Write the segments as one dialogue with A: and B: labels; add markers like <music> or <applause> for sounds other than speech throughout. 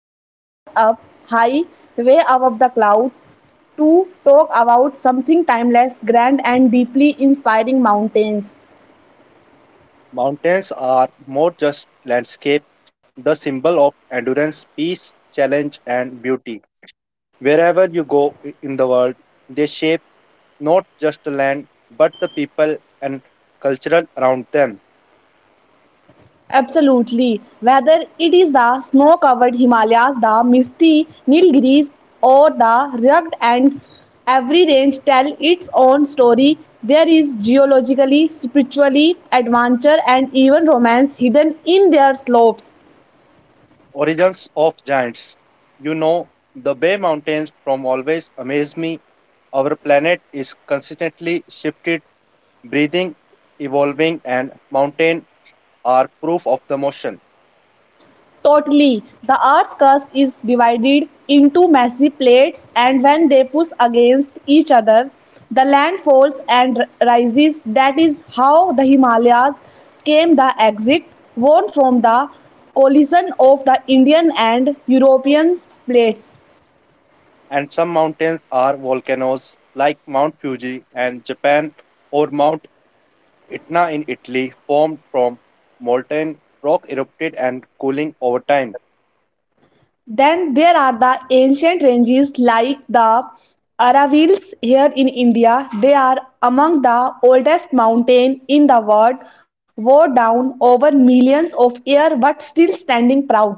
A: takes us up high way above the cloud to talk about something timeless, grand and deeply inspiring mountains.
B: Mountains are more just landscape, the symbol of endurance, peace, challenge, and beauty. Wherever you go in the world, they shape not just the land, but the people and cultural around them.
A: Absolutely. Whether it is the snow-covered Himalayas, the misty Nilgiris or the rugged Andes, every range tells its own story. There is geologically, spiritually, adventure and even romance hidden in their slopes.
B: Origins of giants. You know, the Bay Mountains from always amaze me. Our planet is consistently shifted breathing, evolving, and mountain are proof of the motion.
A: Totally. The Earth's crust is divided into massive plates, and when they push against each other, the land falls and rises. That is how the Himalayas came the exit worn from the collision of the Indian and European plates.
B: And some mountains are volcanoes, like Mount Fuji in Japan or Mount Etna in Italy, formed from molten rock erupted and cooling over time.
A: Then there are the ancient ranges like the Aravallis here in India. They are among the oldest mountain in the world, wore down over millions of years but still standing proud.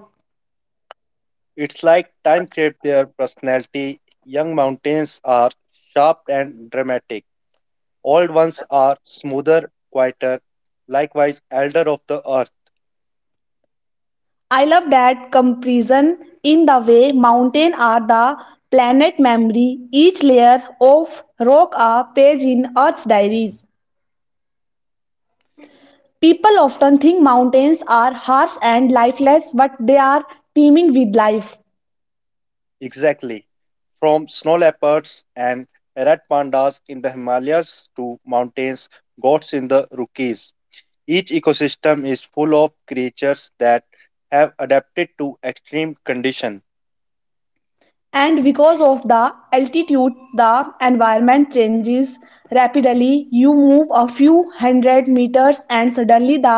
B: It's like time shaped their personality. Young mountains are sharp and dramatic. Old ones are smoother, quieter. Likewise, elder of the earth.
A: I love that comparison in the way mountains are the planet memory, each layer of rock a page in Earth's diaries. People often think mountains are harsh and lifeless, but they are teeming with life.
B: Exactly. From snow leopards and red pandas in the Himalayas to mountains, goats in the Rockies. Each ecosystem is full of creatures that have adapted to extreme conditions.
A: And because of the altitude, the environment changes rapidly. You move a few hundred meters and suddenly the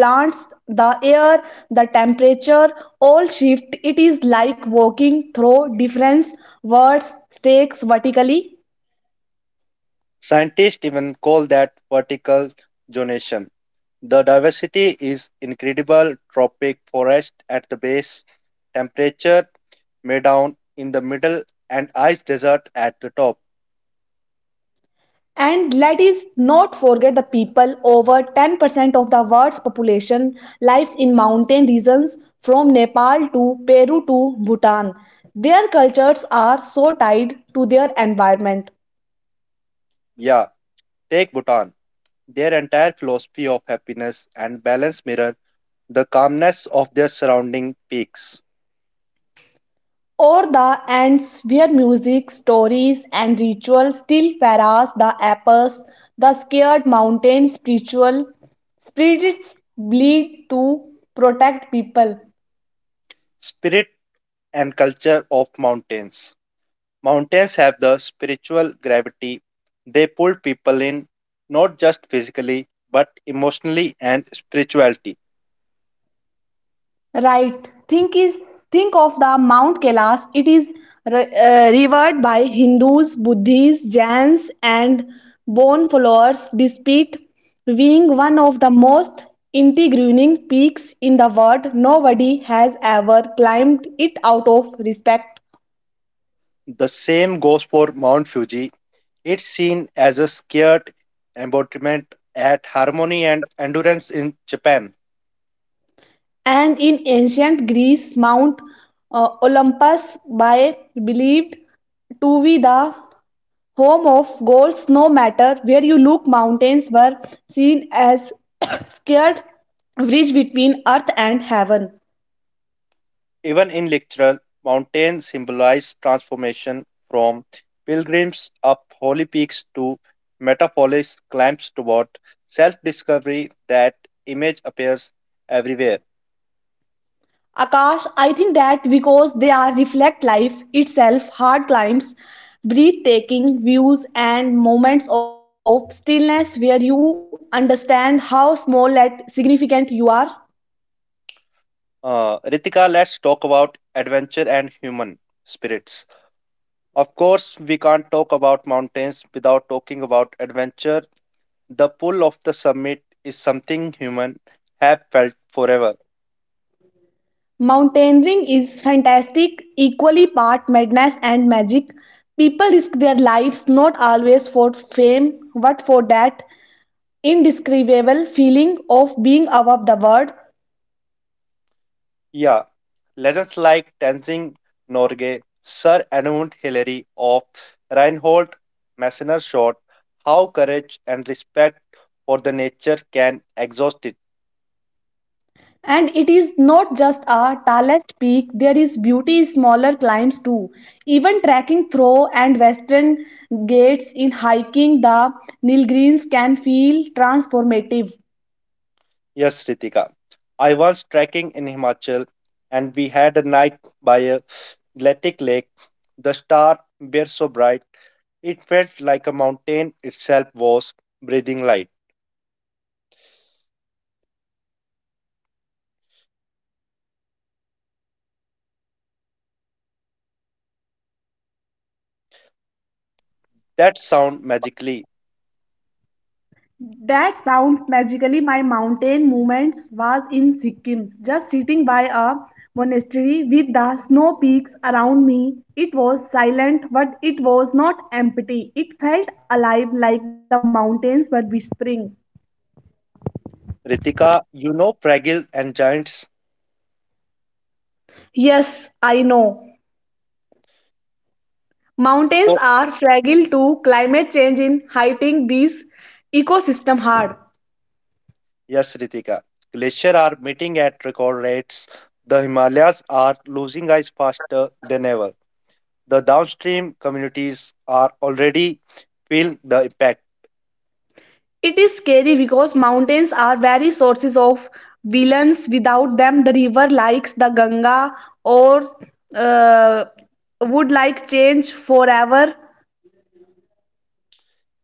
A: plants, the air, the temperature all shift. It is like walking through different worlds stakes vertically.
B: Scientists even call that vertical zonation. The diversity is incredible tropic forest at the base, temperature may down in the middle, and ice desert at the top.
A: And let us not forget the people over 10% of the world's population lives in mountain regions from Nepal to Peru to Bhutan. Their cultures are so tied to their environment.
B: Yeah, take Bhutan. Their entire philosophy of happiness and balance mirror the calmness of their surrounding peaks,
A: Or the ants where music, stories and rituals still harass the apples, the scared mountain spiritual spirits bleed to protect people.
B: spirit and culture of mountains. Mountains have the spiritual gravity. They pull people in, not just physically, but emotionally and spirituality.
A: Right. Think of the Mount Kailash. It is revered by Hindus, Buddhists, Jains, and bone followers, despite being one of the most integrating peaks in the world. Nobody has ever climbed it out of respect.
B: The same goes for Mount Fuji. It's seen as a scared embodiment at harmony and endurance in Japan.
A: And in ancient Greece, Mount Olympus by believed to be the home of goals. No matter where you look, mountains were seen as <coughs> scared bridge between earth and heaven.
B: Even in literature, mountains symbolize transformation from pilgrims up holy peaks to metaphoric climbs toward self discovery. That image appears everywhere.
A: Akash, I think that because they are reflect life itself, hard climbs, breathtaking views and moments of stillness where you understand how small and significant you are.
B: Ritika, let's talk about adventure and human spirits. Of course, we can't talk about mountains without talking about adventure. The pull of the summit is something human have felt forever.
A: Mountaineering is fantastic, equally part madness and magic. People risk their lives not always for fame, but for that indescribable feeling of being above the world.
B: Yeah, legends like Tenzing Norgay, Sir Edmund Hillary of Reinhold Messner showed how courage and respect for the nature can exhaust it.
A: And it is not just a tallest peak, there is beauty in smaller climbs too. Even trekking through and western gates in hiking the Nilgiris can feel transformative.
B: Yes, Ritika. I was trekking in Himachal and we had a night by a glacial lake. The star were so bright, it felt like a mountain itself was breathing light. That sound magically.
A: That sounds magically. My mountain moments was in Sikkim, just sitting by a monastery with the snow peaks around me. It was silent, but it was not empty. It felt alive, like the mountains were whispering.
B: Ritika, you know Fragile and Giants
A: Yes, I know. Mountains
B: so.
A: are fragile to climate change in hitting these ecosystem hard.
B: Yes, Ritika. Glaciers are meeting at record rates. The Himalayas are losing ice faster than ever. The downstream communities are already feeling the impact.
A: It is scary because mountains are very sources of villains. Without them, the river likes the Ganga or uh, would like change forever.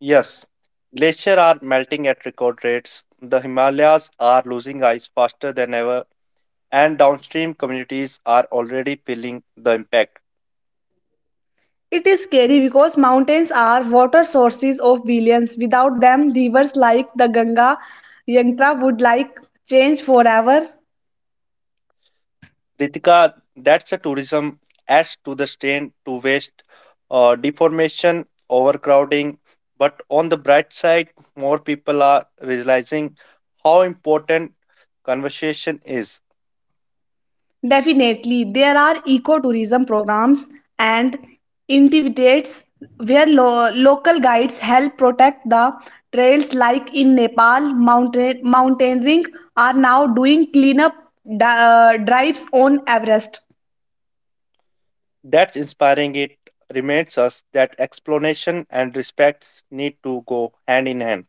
B: Yes, glaciers are melting at record rates. The Himalayas are losing ice faster than ever, and downstream communities are already feeling the impact.
A: It is scary because mountains are water sources of villains. Without them, rivers like the Ganga, Yantra would like change forever.
B: Ritika, that's a tourism adds to the strain to waste, deformation, overcrowding. But on the bright side, more people are realizing how important conversation is.
A: Definitely, there are ecotourism programs and activities where local guides help protect the trails. Like in Nepal, mountaineering are now doing cleanup drives on Everest.
B: That's inspiring. It reminds us that explanation and respects need to go hand in hand.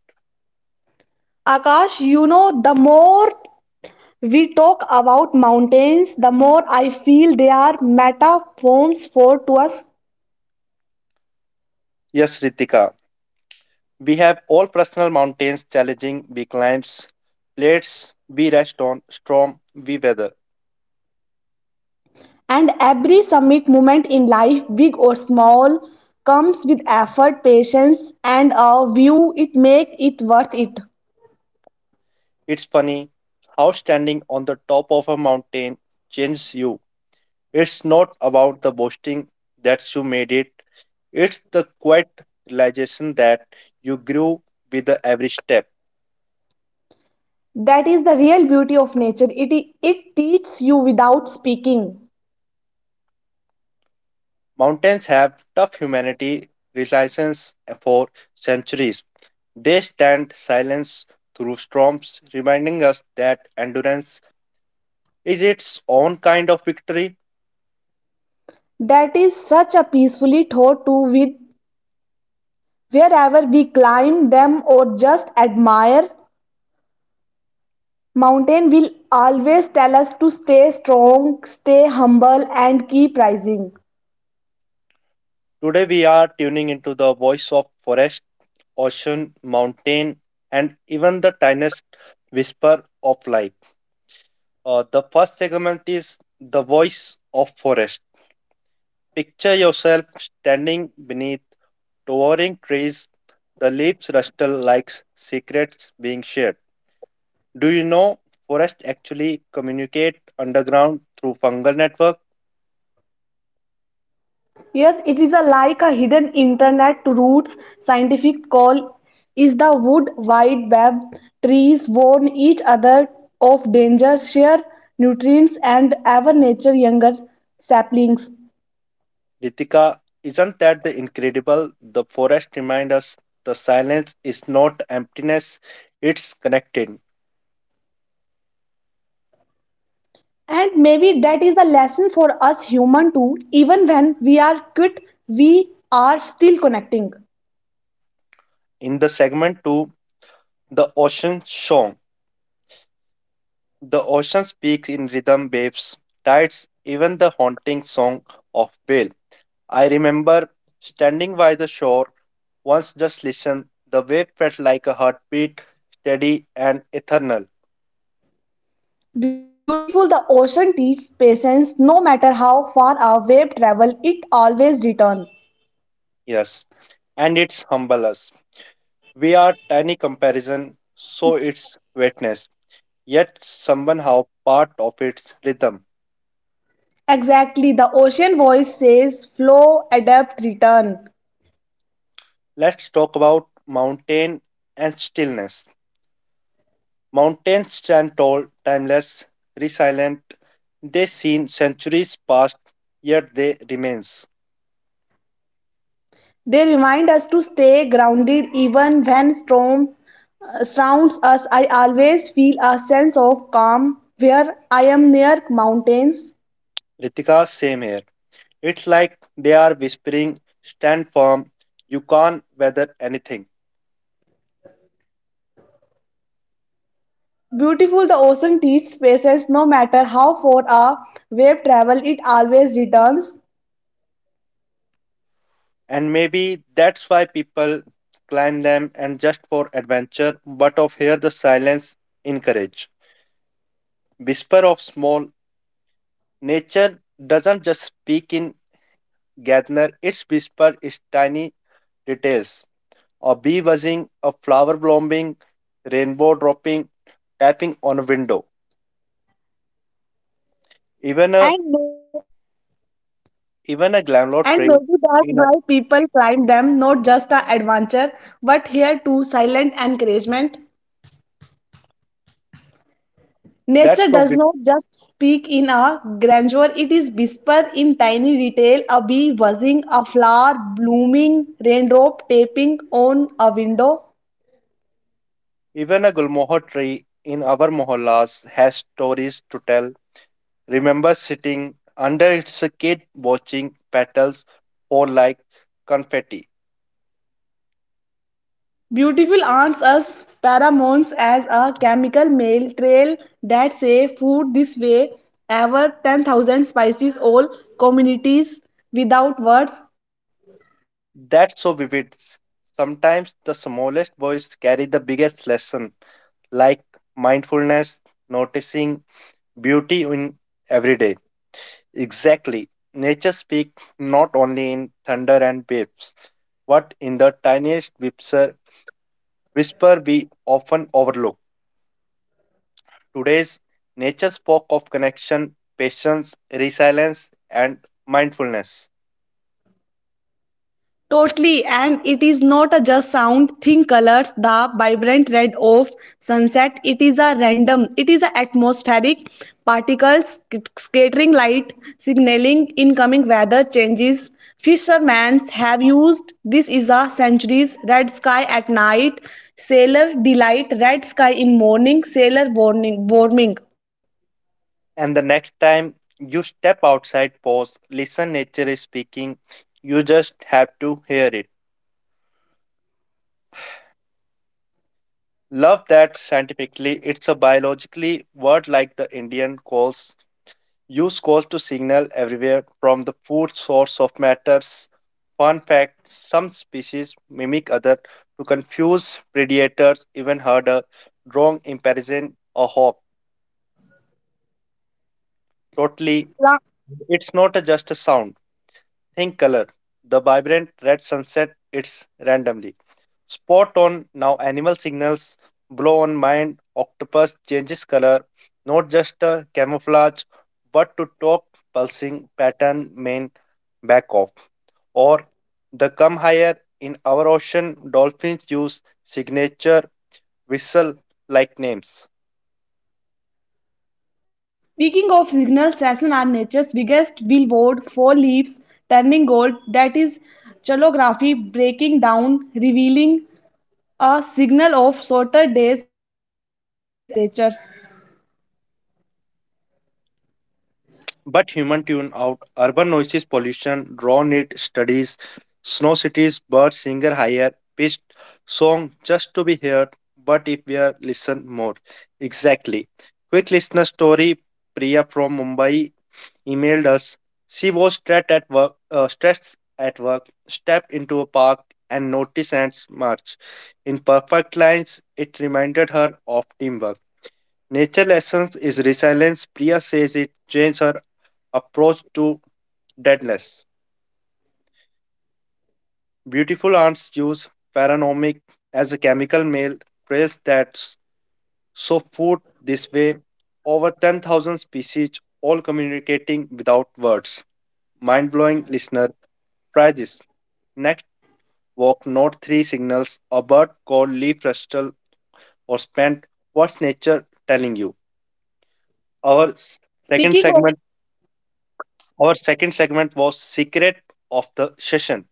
A: Akash, you know, the more we talk about mountains, the more I feel they are metaphors for to us.
B: Yes, Ritika, we have all personal mountains challenging we climbs, plates we rest on, storm we weather.
A: And every summit moment in life, big or small, comes with effort, patience, and a view it make it worth it.
B: It's funny how standing on the top of a mountain changes you. It's not about the boasting that you made it, it's the quiet realization that you grew with the every step.
A: That is the real beauty of nature. It teaches you without speaking.
B: Mountains have tough humanity resilience for centuries. They stand silence through storms, reminding us that endurance is its own kind of victory.
A: That is such a peacefully thought to with wherever we climb them or just admire. Mountain will always tell us to stay strong, stay humble, and keep rising.
B: Today we are tuning into the voice of forest ocean, mountain, and even the tiniest whisper of life. The first segment is the voice of forest. Picture yourself standing beneath towering trees, the leaves rustle like secrets being shared. Do you know forests actually communicate underground through fungal network?
A: Yes, it is a like a hidden internet roots. Scientific call is the wood wide web. Trees warn each other of danger, share nutrients, and ever nature younger saplings.
B: Ritika, isn't that the incredible? The forest remind us the silence is not emptiness, it's connected.
A: And maybe that is the lesson for us human too. Even when we are quit, we are still connecting.
B: In the segment 2, The Ocean Song, the ocean speaks in rhythm, waves, tides, even the haunting song of whale. I remember standing by the shore once just listen, the wave felt like a heartbeat, steady and eternal.
A: Beautiful, the ocean teaches patience. No matter how far our wave travel, it always return.
B: Yes, and it's humble us. We are tiny comparison, so it's wetness, yet somehow part of its rhythm.
A: Exactly, the ocean voice says flow, adapt, return.
B: Let's talk about mountain and stillness. Mountains stand tall, timeless, resilient. They have seen centuries past, yet they remains.
A: They remind us to stay grounded even when storm surrounds us. I always feel a sense of calm where I am near mountains.
B: Ritika, same here. It's like they are whispering, stand firm, you can't weather anything.
A: Beautiful, the ocean teaches patience no matter how far a wave travel, it always returns.
B: And maybe that's why people climb them and just for adventure, but of here the silence encourage. Whisper of small nature doesn't just speak in gather, its whisper is tiny details a bee buzzing, a flower blooming, rainbow dropping, tapping on a window. Even a
A: And may-
B: even a
A: and
B: glamlo
A: maybe
B: tree
A: that's why
B: in a
A: people climb them, not just a adventure, but here too silent encouragement.
B: that's
A: Nature
B: so
A: does
B: big.
A: not just speak in a grandeur, it is whispered in tiny detail. A bee buzzing, a flower blooming, raindrop tapping on a window.
B: Even a gulmohar tree in our mohallas has stories to tell. Remember sitting under its shade, watching petals fall like confetti.
A: Beautiful ants as pheromones as a chemical mail trail that say food this way. Ever 10,000 spices, all communities without words.
B: That's so vivid. Sometimes the smallest voice carry the biggest lesson, like mindfulness, noticing beauty in every day. Exactly. Nature speaks not only in thunder and waves, but in the tiniest whisper, whisper we often overlook. Today's nature spoke of connection, patience, resilience, and mindfulness.
A: Totally, and it is not a just sound, thin colors, the vibrant red of sunset. It is a random, it is a atmospheric particles, scattering light, signaling incoming weather changes. Fishermen have used this is a centuries red sky at night, sailor delight, red sky in morning, sailor warning warming.
B: And the next time you step outside, pause, listen, nature is speaking. You just have to hear it. Love that scientifically, it's a biologically word like the Indian calls use calls to signal everywhere from the food source of matters. Fun fact some species mimic others to confuse predators, even heard a wrong impression or hop. Totally, it's not a just a sound. Think color. The vibrant red sunset it's randomly. Spot on now animal signals blow on mind. Octopus changes color, not just a camouflage, but to talk pulsing pattern main back off. Or the come higher in our ocean, dolphins use signature whistle like names.
A: Speaking of signal, sasson are nature's biggest billboard for leaves turning gold, that is, chalography breaking down, revealing a signal of shorter days and cooling temperatures.
B: But human tune out urban noises, pollution, raw need studies, snow cities, birds singer higher pitched song just to be heard, but if we are listen more. Exactly. Quick listener story Priya from Mumbai emailed us. She was stressed at work, stepped into a park and noticed ants march. In perfect lines, it reminded her of teamwork. Nature lessons is resilience. Priya says it changed her approach to deadness. Beautiful ants use pheromones as a chemical mail trails that sow food this way. Over 10,000 species, all communicating without words. Mind blowing listener, try this. Next, walk note 3 signals a bird called leaf rustle or spent. What's nature telling you? Our s-
A: Speaking
B: second
A: of
B: segment, our second segment was secret of the session.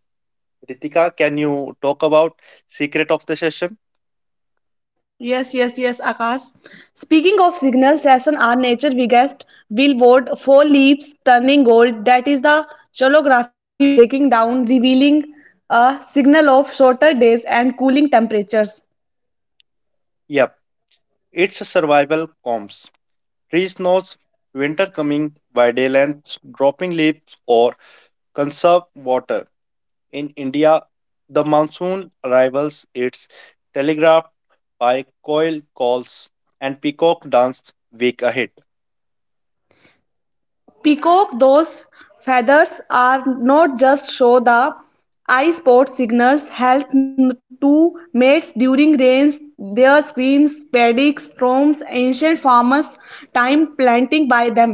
B: Ritika, can you talk about secret of the session?
A: yes, Akash. Speaking of signal, sasson are nature's biggest billboard for leaves turning gold, that is, the chalography breaking down, revealing a signal of shorter days and cooling temperatures.
B: Yep, it's a survival comps. Tree snows, winter coming, by day length dropping leaves, or conserve water. In India, the monsoon arrivals. It's telegraphed by coil calls and peacock dance week ahead.
A: Peacock, those feathers are not just show the eye spot signals help to mates during rains. Their screams predicts storms ancient farmers time planting by them.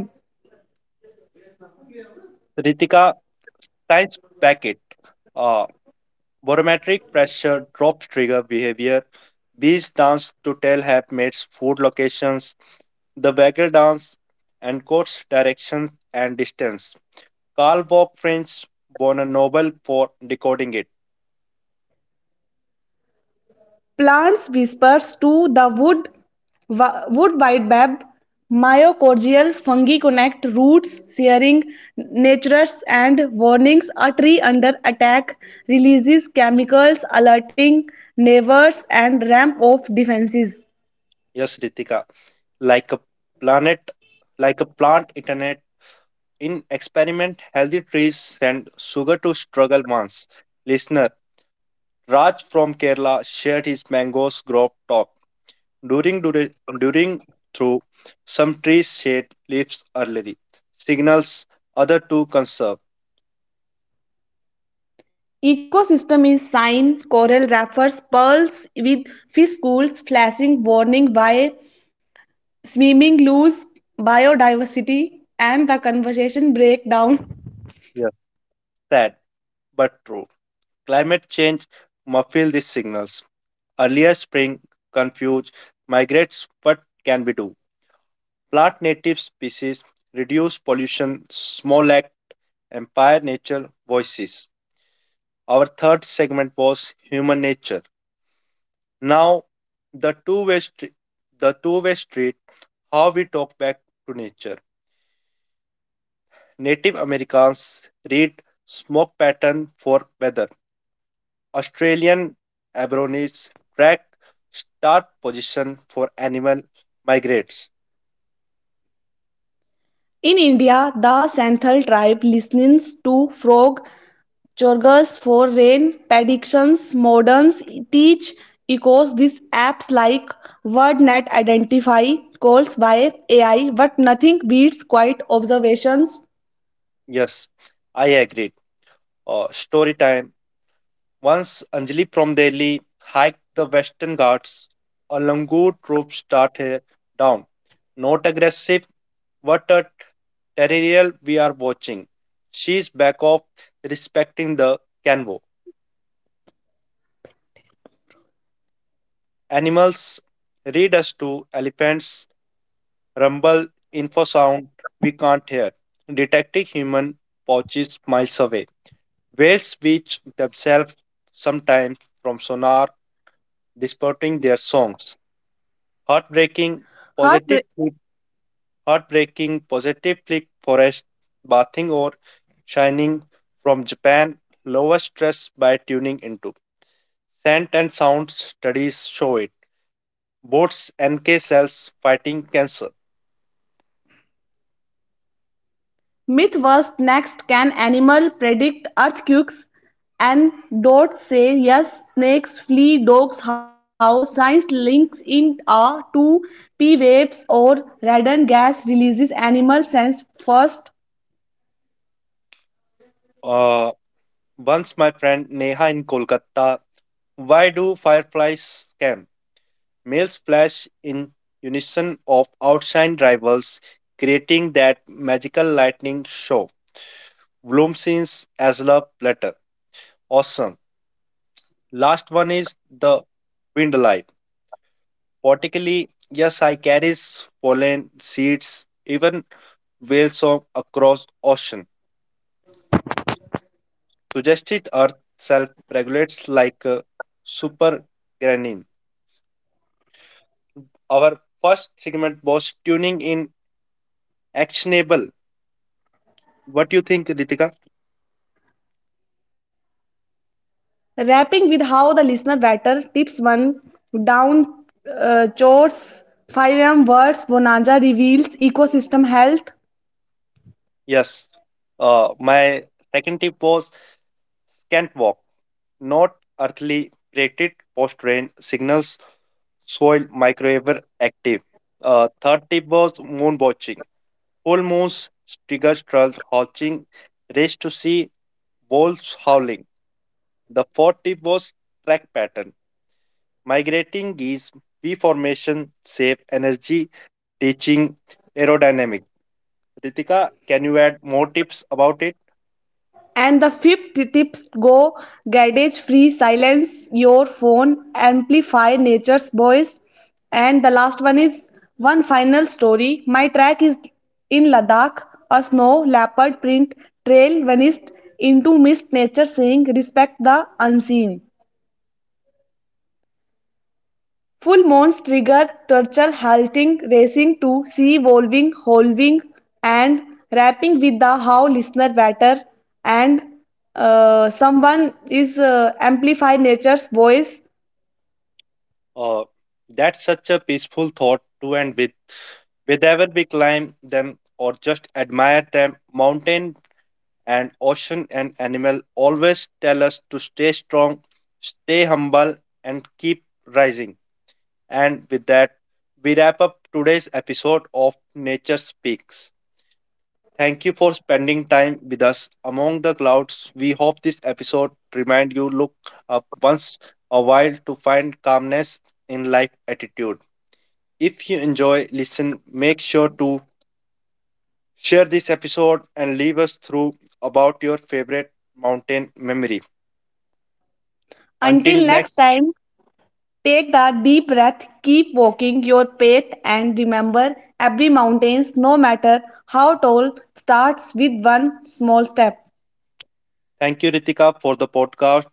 B: Ritika, science back it. Uh, Barometric pressure drops trigger behavior. Bees dance to tell helpmates food locations the waggle dance, and course direction and distance. Karl Bob French won a Nobel for decoding it.
A: Plants whispers to the wood, wood baobab, myocordial fungi connect roots, sharing natures and warnings. A tree under attack releases chemicals, alerting neighbors and ramp off defenses.
B: Yes, Ritika. Like a planet, like a plant internet. In experiment, healthy trees send sugar to struggle months. Listener Raj from Kerala shared his mangoes grove talk during dura- during through some trees shed leaves early signals other to conserve.
A: Ecosystem is sign coral refers pearls with fish schools flashing warning by swimming lose biodiversity and the conversation breakdown.
B: Yes, sad but true. Climate change muffled these signals. Earlier spring confused migrates what can we do? Plant native species, reduce pollution, small act, empire nature voices. Our third segment was human nature. Now the two-way street, the two-way street, how we talk back to nature. Native Americans read smoke pattern for weather. Australian Aborigines track start position for animal migrates.
A: In India, the Santhal tribe listens to folk chorgas for rain predictions. Moderns teach echoes these apps like WordNet identify calls by AI, but nothing beats quiet observations.
B: Yes, I agree. Story time. Once Anjali from Delhi hiked the Western Ghats, a langur troop started down. Not aggressive, what a terrier we are watching. She's back off respecting the canvo. Animals read us to elephants rumble, infrasound we can't hear, detecting human pouches miles away. Whales beach themselves sometimes from sonar, distorting their songs. Heartbreaking,
A: Heart
B: positive flick, heartbreaking, positive flick forest, bathing or shining from Japan, lower stress by tuning into. Scent and sound studies show it. Boats NK cells fighting cancer.
A: myth was next. Can animal predict earthquakes? And dot say yes, snakes flee, dogs how science links in a to P waves or radon gas releases animal sense first.
B: Uh, Once my friend Neha in Kolkata, why do fireflies scam? Males flash in unison of outshine rivals, creating that magical lightning show. Bloom scenes as love letter. Awesome. Last one is the wind light. Vertically, yes, I carries pollen, seeds, even whale song across ocean. Suggested Earth self regulates like a super. Our first segment was tuning in actionable. What do you think, Ritika?
A: Wrapping with how the listener better tips one down chores 5M words Bonanza reveals ecosystem health.
B: Yes. My second tip was scant walk, not earthly plated post rain signals, soil microwave active. Third tip was moon watching. Full moons trigger trout hatching, race to see, wolves howling. The fourth tip was track pattern. Migrating geese, V formation, save energy, teaching aerodynamic. Ritika, can you add more tips about it?
A: And the fifth tips go gadgets free, silence your phone, amplify nature's voice. And the last one is one final story. My track is in Ladakh, a snow leopard print trail vanished into mist, nature saying, respect the unseen. Full moons trigger turtle halting, racing to sea, wolving, holving, and rapping with the how listener batter and someone is amplify nature's voice.
B: Uh, that's such a peaceful thought to end with. Whether we climb them or just admire them, mountain and ocean and animal always tell us to stay strong, stay humble, and keep rising. And with that, we wrap up today's episode of Nature Speaks. Thank you for spending time with us among the clouds. We hope this episode remind you look up once a while to find calmness in life attitude. If you enjoy listen, make sure to share this episode and leave us through about your favorite mountain memory. Until
A: Until
B: next,
A: next time, take the deep breath, keep walking your path, and remember every mountains, no matter how tall, starts with one small step.
B: thank you Ritika for the podcast.